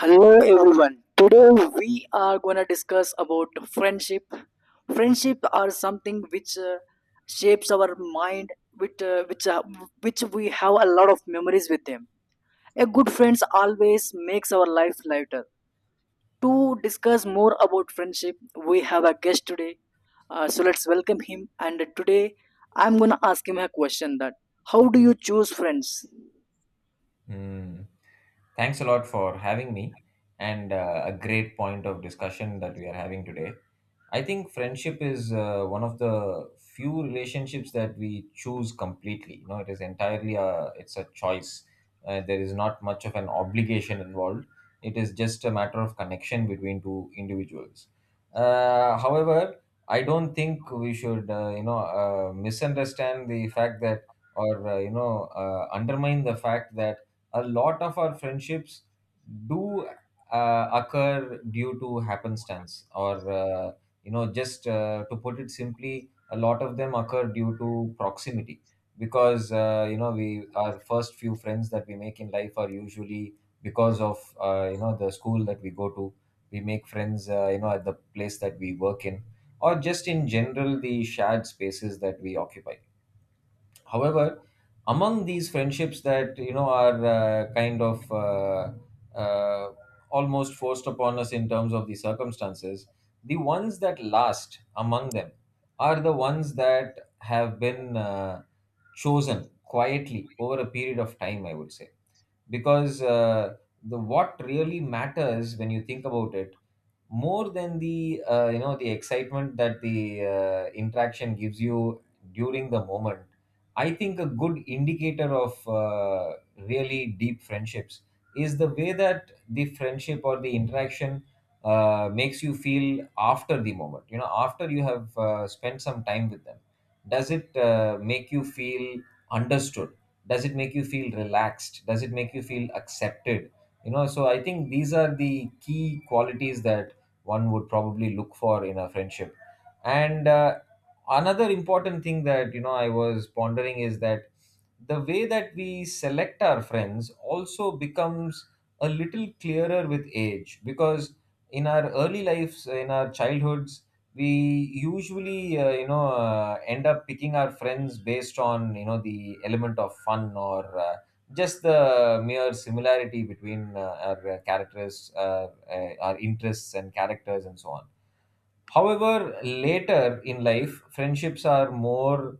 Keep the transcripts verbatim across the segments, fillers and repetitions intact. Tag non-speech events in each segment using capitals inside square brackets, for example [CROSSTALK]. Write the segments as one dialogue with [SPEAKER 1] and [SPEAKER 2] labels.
[SPEAKER 1] Hello everyone. Today we are going to discuss about friendship. Friendship are something which uh, shapes our mind which uh, which uh, which we have a lot of memories with them. A good friends always makes our life lighter. To discuss more about friendship, we have a guest today. Uh, so let's welcome him, and today I'm going to ask him a question that how do you choose friends?
[SPEAKER 2] Mm. Thanks a lot for having me and uh, a great point of discussion that we are having today. I think friendship is uh, one of the few relationships that we choose completely. You know, it is entirely a, it's a choice. Uh, there is not much of an obligation involved. It is just a matter of connection between two individuals. Uh, however, I don't think we should, uh, you know, uh, misunderstand the fact that, or uh, you know, uh, undermine the fact that a lot of our friendships do uh, occur due to happenstance or uh, you know just uh, to put it simply, a lot of them occur due to proximity, because uh, you know we our first few friends that we make in life are usually because of uh, you know the school that we go to. We make friends, uh, you know at the place that we work in, or just in general the shared spaces that we occupy. However, among these friendships that you know are uh, kind of uh, uh, almost forced upon us in terms of the circumstances, the ones that last among them are the ones that have been uh, chosen quietly over a period of time, I would say. Because uh, the what really matters, when you think about it, more than the uh, you know the excitement that the uh, interaction gives you during the moment, I think a good indicator of uh, really deep friendships is the way that the friendship or the interaction uh, makes you feel after the moment. You know, after you have uh, spent some time with them, does it uh, make you feel understood? Does it make you feel relaxed? Does it make you feel accepted? You know, so I think these are the key qualities that one would probably look for in a friendship. And uh, another important thing that you know I was pondering is that the way that we select our friends also becomes a little clearer with age, because in our early lives, in our childhoods, we usually uh, you know uh, end up picking our friends based on you know the element of fun, or uh, just the mere similarity between uh, our uh, characters, uh, uh, our interests and characters, and so on. However, later in life, friendships are more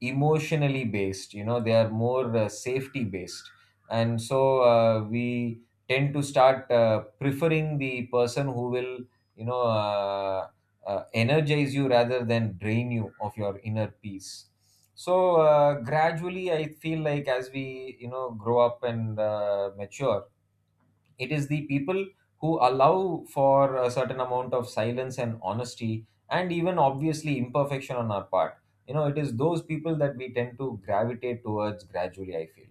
[SPEAKER 2] emotionally based. You know, they are more uh, safety based. And so uh, we tend to start uh, preferring the person who will, you know, uh, uh, energize you rather than drain you of your inner peace. So uh, gradually, I feel like as we, you know, grow up and uh, mature, it is the people who allow for a certain amount of silence and honesty and even obviously imperfection on our part. You know, it is those people that we tend to gravitate towards gradually, I feel.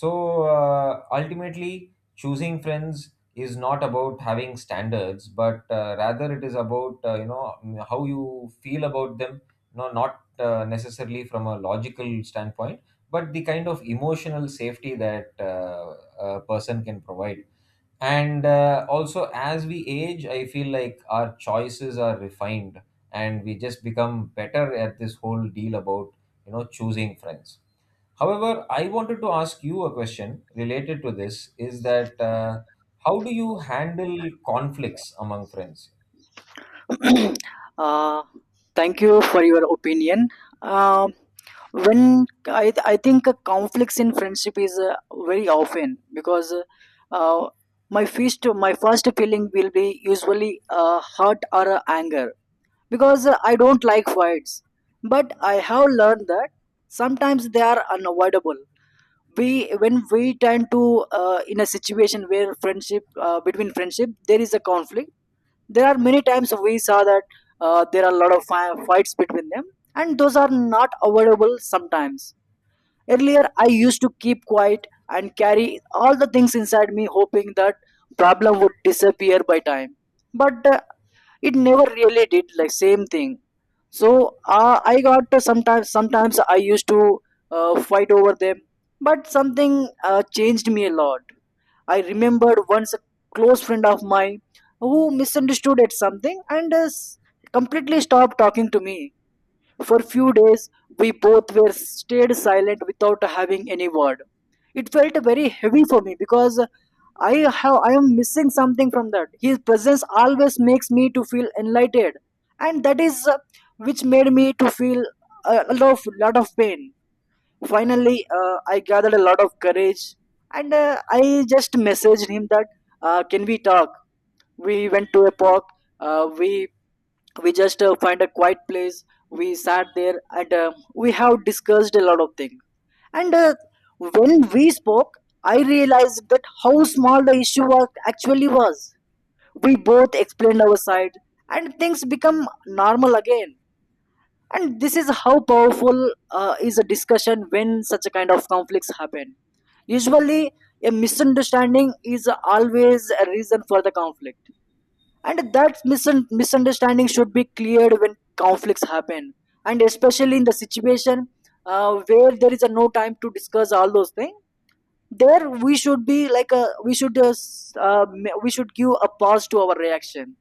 [SPEAKER 2] So uh, ultimately, choosing friends is not about having standards, but uh, rather it is about uh, you know how you feel about them. You know, not uh, necessarily from a logical standpoint, but the kind of emotional safety that uh, a person can provide. And uh, also, as we age, I feel like our choices are refined and we just become better at this whole deal about, you know, choosing friends. However, I wanted to ask you a question related to this, is that uh, how do you handle conflicts among friends?
[SPEAKER 1] [CLEARS THROAT] uh, Thank you for your opinion. Um, when I, I think uh, conflicts in friendship is uh, very often because uh, uh, my first my first feeling will be usually uh, hurt or uh, anger, because uh, I don't like fights. But I have learned that sometimes they are unavoidable. We when we tend to uh, in a situation where friendship uh, between friendship there is a conflict, there are many times we saw that uh, there are a lot of fi- fights between them, and those are not avoidable sometimes. Earlier I used to keep quiet and carry all the things inside me, hoping that problem would disappear by time, but uh, it never really did, like same thing. So uh, I got to, sometimes sometimes I used to uh, fight over them. But something uh, changed me a lot. I remembered once a close friend of mine who misunderstood at something and uh, s- completely stopped talking to me for few days. We both were stayed silent without having any word. It felt very heavy for me, because I have I am missing something from that. His presence always makes me to feel enlightened, and that is uh, which made me to feel a lot of lot of pain. Finally, uh, I gathered a lot of courage and uh, I just messaged him that, uh, can we talk? We went to a park. Uh, we we just uh, find a quiet place, we sat there, and uh, we have discussed a lot of things. And uh, when we spoke, I realized that how small the issue was actually was We both explained our side, and things become normal again. And this is how powerful uh, is a discussion when such a kind of conflicts happen. Usually a misunderstanding is always a reason for the conflict, and that misun- misunderstanding should be cleared when conflicts happen. And especially in the situation uh, where there is a no time to discuss all those things, there we should be like a, we should uh, s- uh, ma- we should give a pause to our reaction,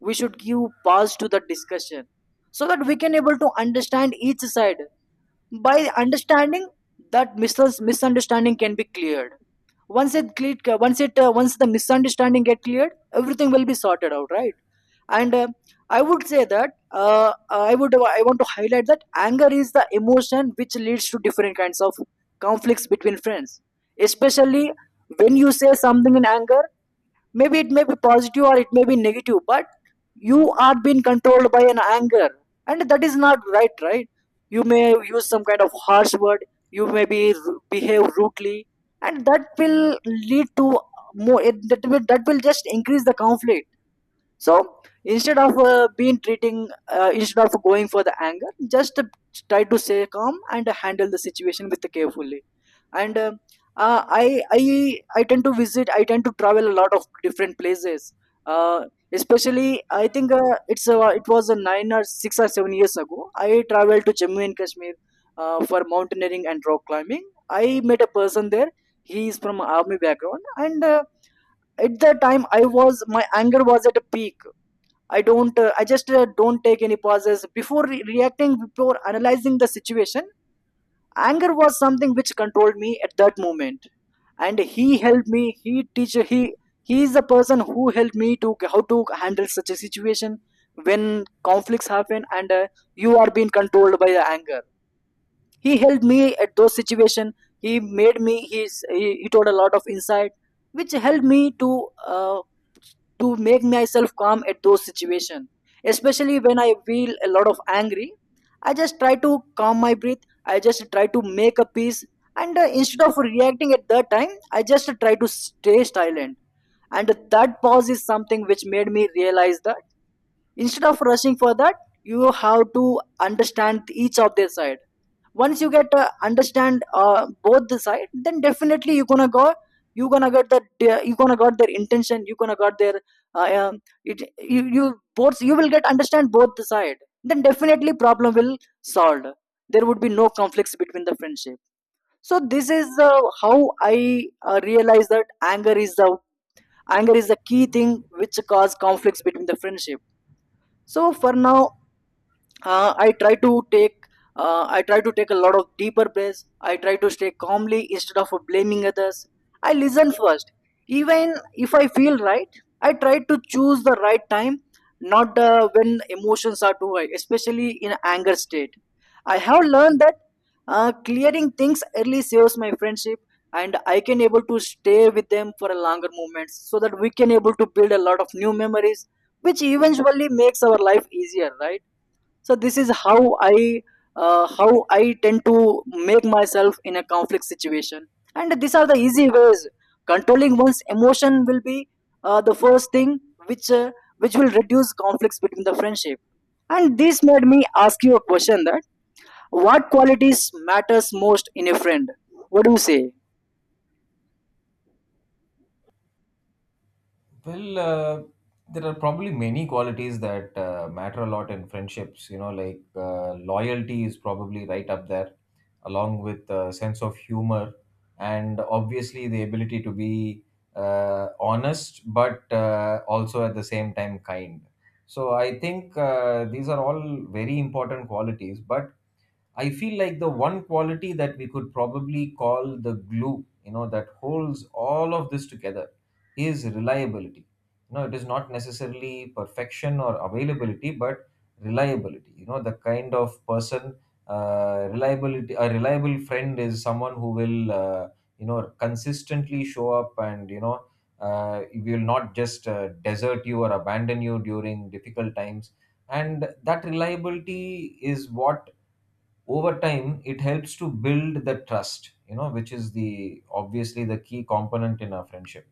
[SPEAKER 1] we should give pause to the discussion, so that we can able to understand each side. By understanding, that mis- misunderstanding can be cleared. Once it cle- once it uh, once the misunderstanding get cleared, everything will be sorted out, right? And uh, I would say that, uh, i would I want to highlight that anger is the emotion which leads to different kinds of conflicts between friends, especially when you say something in anger. Maybe it may be positive or it may be negative, but you are being controlled by an anger, and that is not right, right? You may use some kind of harsh word, you may be behave rudely, and that will lead to more it, that will that will just increase the conflict. So instead of uh, being treating uh, instead of going for the anger, just uh, try to stay calm and handle the situation with carefully. And uh, uh, i i I tend to visit i tend to travel a lot of different places. uh, Especially I think uh, it's uh, it was a nine or six or seven years ago, I traveled to jammu and kashmir uh, for mountaineering and rock climbing. I met a person there, he is from army background, and uh, at the time I was my anger was at a peak. I don't. Uh, I just uh, don't take any pauses before re- reacting, before analyzing the situation. Anger was something which controlled me at that moment, and he helped me. He teacher. He he is the person who helped me to how to handle such a situation when conflicts happen, and uh, you are being controlled by the anger. He helped me at those situation. He made me he's, he, he told a lot of insight which helped me to uh, to make myself calm at those situation. Especially when I feel a lot of angry, I just try to calm my breath, I just try to make a peace. And uh, instead of reacting at that time, I just try to stay silent. And that pause is something which made me realize that instead of rushing for that, you have to understand each of their side. Once you get uh, understand uh, both the side, then definitely you gonna go you gonna get that, uh, you gonna got their intention, you gonna got their uh, um, it, you, you both you will get understand both the side, then definitely problem will solved. There would be no conflicts between the friendship. So this is uh, how I uh, realize that anger is the anger is the key thing which cause conflicts between the friendship so for now uh, I try to take uh, I try to take a lot of deeper breaths. I try to stay calmly instead of blaming others. I listen first. Even if I feel right, I try to choose the right time, not uh, when emotions are too high, especially in anger state. I have learned that uh, clearing things early saves my friendship, and I can able to stay with them for a longer moment, so that we can able to build a lot of new memories, which eventually makes our life easier, right? so this is how I uh, how I tend to make myself in a conflict situation. And these are the easy ways. Controlling one's emotion will be uh, the first thing which uh, which will reduce conflicts between the friendship. And this made me ask you a question that what qualities matters most in a friend, what do you say?
[SPEAKER 2] Well, uh, there are probably many qualities that uh, matter a lot in friendships. You know, like uh, loyalty is probably right up there, along with uh, sense of humor, and obviously the ability to be uh, honest, but uh, also at the same time kind. So I think uh, these are all very important qualities, but I feel like the one quality that we could probably call the glue, you know, that holds all of this together is reliability. You know, it is not necessarily perfection or availability, but reliability. You know, the kind of person, uh, reliability, a reliable friend is someone who will, uh, you know, consistently show up and, you know, uh, will not just uh, desert you or abandon you during difficult times. And that reliability is what over time it helps to build the trust. You know, which is the obviously the key component in a friendship.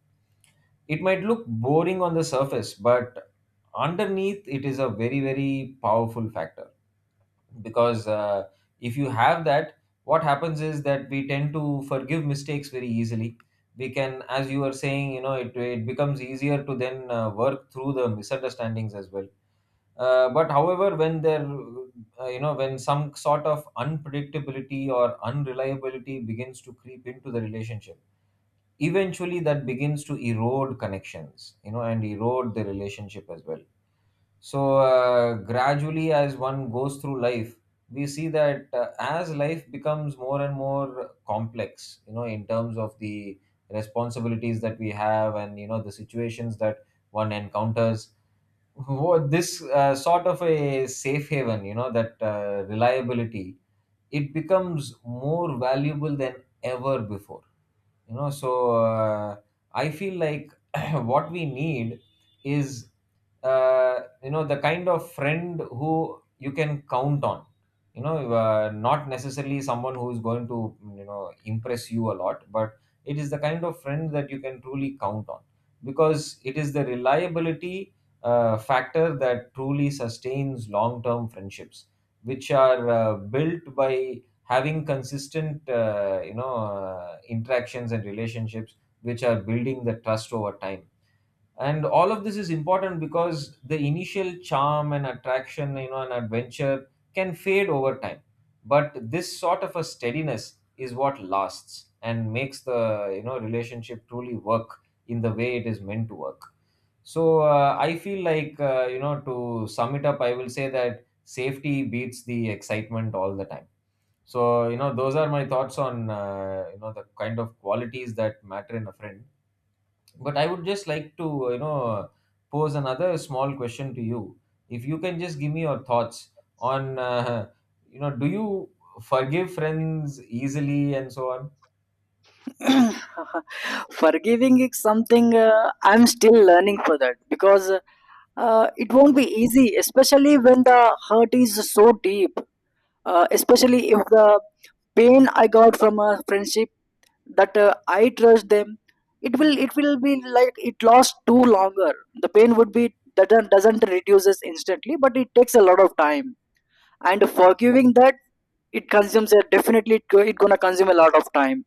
[SPEAKER 2] It might look boring on the surface, but underneath it is a very, very powerful factor. Because uh, if you have that, what happens is that we tend to forgive mistakes very easily. We can, as you were saying, you know, it, it becomes easier to then uh, work through the misunderstandings as well. Uh, but however, when there, uh, you know, when some sort of unpredictability or unreliability begins to creep into the relationship, eventually that begins to erode connections, you know, and erode the relationship as well. So uh, gradually, as one goes through life, we see that uh, as life becomes more and more complex, you know, in terms of the responsibilities that we have and you know the situations that one encounters, what this uh, sort of a safe haven, you know, that uh, reliability, it becomes more valuable than ever before. You know, so uh, I feel like [CLEARS THROAT] what we need is uh, you know the kind of friend who you can count on. You know, uh, not necessarily someone who is going to, you know, impress you a lot, but it is the kind of friend that you can truly count on, because it is the reliability uh, factor that truly sustains long term friendships, which are uh, built by having consistent uh, you know uh, interactions and relationships, which are building the trust over time. And all of this is important because the initial charm and attraction, you know, and adventure can fade over time, but this sort of a steadiness is what lasts and makes the, you know, relationship truly work in the way it is meant to work. So uh, I feel like uh, you know to sum it up, I will say that safety beats the excitement all the time. So, you know, those are my thoughts on uh, you know the kind of qualities that matter in a friend. But I would just like to, uh, you know, pose another small question to you. If you can just give me your thoughts on, uh, [LAUGHS] you know, do you forgive friends easily and so on?
[SPEAKER 1] [CLEARS THROAT] Forgiving is something uh, I'm still learning for that, because uh, Uh, it won't be easy, especially when the hurt is so deep. Uh, especially if the pain I got from a friendship that uh, I trust them, it will it will be like it lasts too longer. The pain would be doesn't doesn't reduces instantly, but it takes a lot of time. And forgiving that, it consumes a definitely it, go- it gonna consume a lot of time.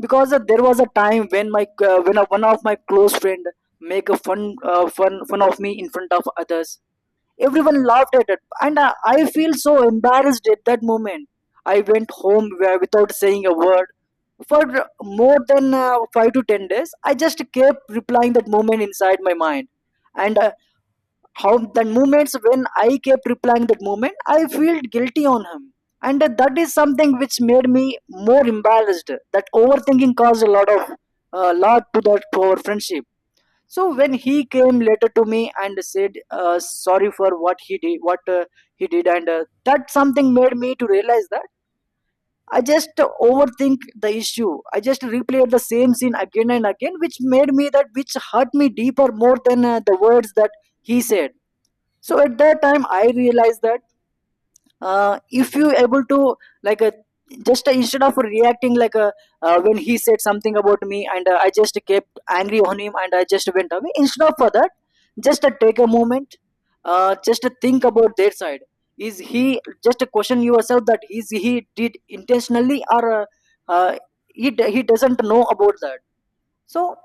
[SPEAKER 1] Because uh, there was a time when my uh, when uh, one of my close friend make a fun uh, fun fun of me in front of others. Everyone laughed at it, and I, I feel so embarrassed at that moment. I went home wi- without saying a word for more than uh, five to ten days. I just kept replying that moment inside my mind. And uh, how the moments when I kept replying that moment, I felt guilty on him, and uh, that is something which made me more embarrassed. That overthinking caused a lot of, a lot to that poor friendship. So when he came later to me and said uh, sorry for what he did, what uh, he did and uh, that something made me to realize that I just overthink the issue, I just replayed the same scene again and again, which made me that, which hurt me deeper more than uh, the words that he said. So at that time I realized that, uh, if you able to, like uh, just uh, instead of reacting like, uh, uh, when he said something about me, and uh, I just kept angry on him and I just went away instead of for that, just uh, take a moment, uh, just uh, think about their side, is he just uh, question yourself that is he did intentionally, or uh, uh, he, d- he doesn't know about that. So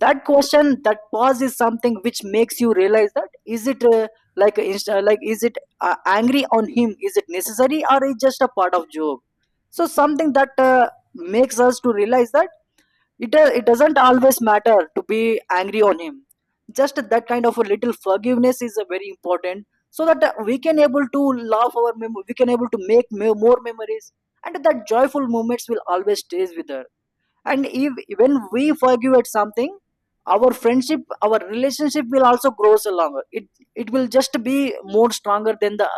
[SPEAKER 1] that question, that pause is something which makes you realize that is it uh, like uh, inst- uh, like is it uh, angry on him, is it necessary, or is just a part of job. So something that uh, makes us to realize that it uh, it doesn't always matter to be angry on him. Just that kind of a little forgiveness is uh, very important, so that uh, we can able to love our mem- we can able to make me- more memories, and that joyful moments will always stays with her. And if, when we forgive at something, our friendship, our relationship will also grows along it. It will just be more stronger than the,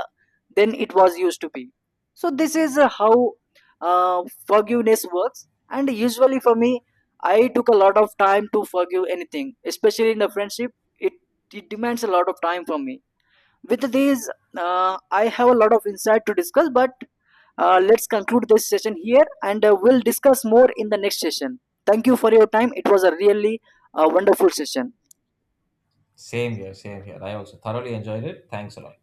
[SPEAKER 1] than it was used to be. So this is uh, how uh, forgiveness works. And usually for me, I took a lot of time to forgive anything, especially in the friendship. it, it demands a lot of time from me. With these, uh, I have a lot of insight to discuss, but uh, let's conclude this session here, and uh, we'll discuss more in the next session. Thank you for your time. It was a really uh, wonderful session.
[SPEAKER 2] Same here, same here. I also thoroughly enjoyed it. Thanks a lot.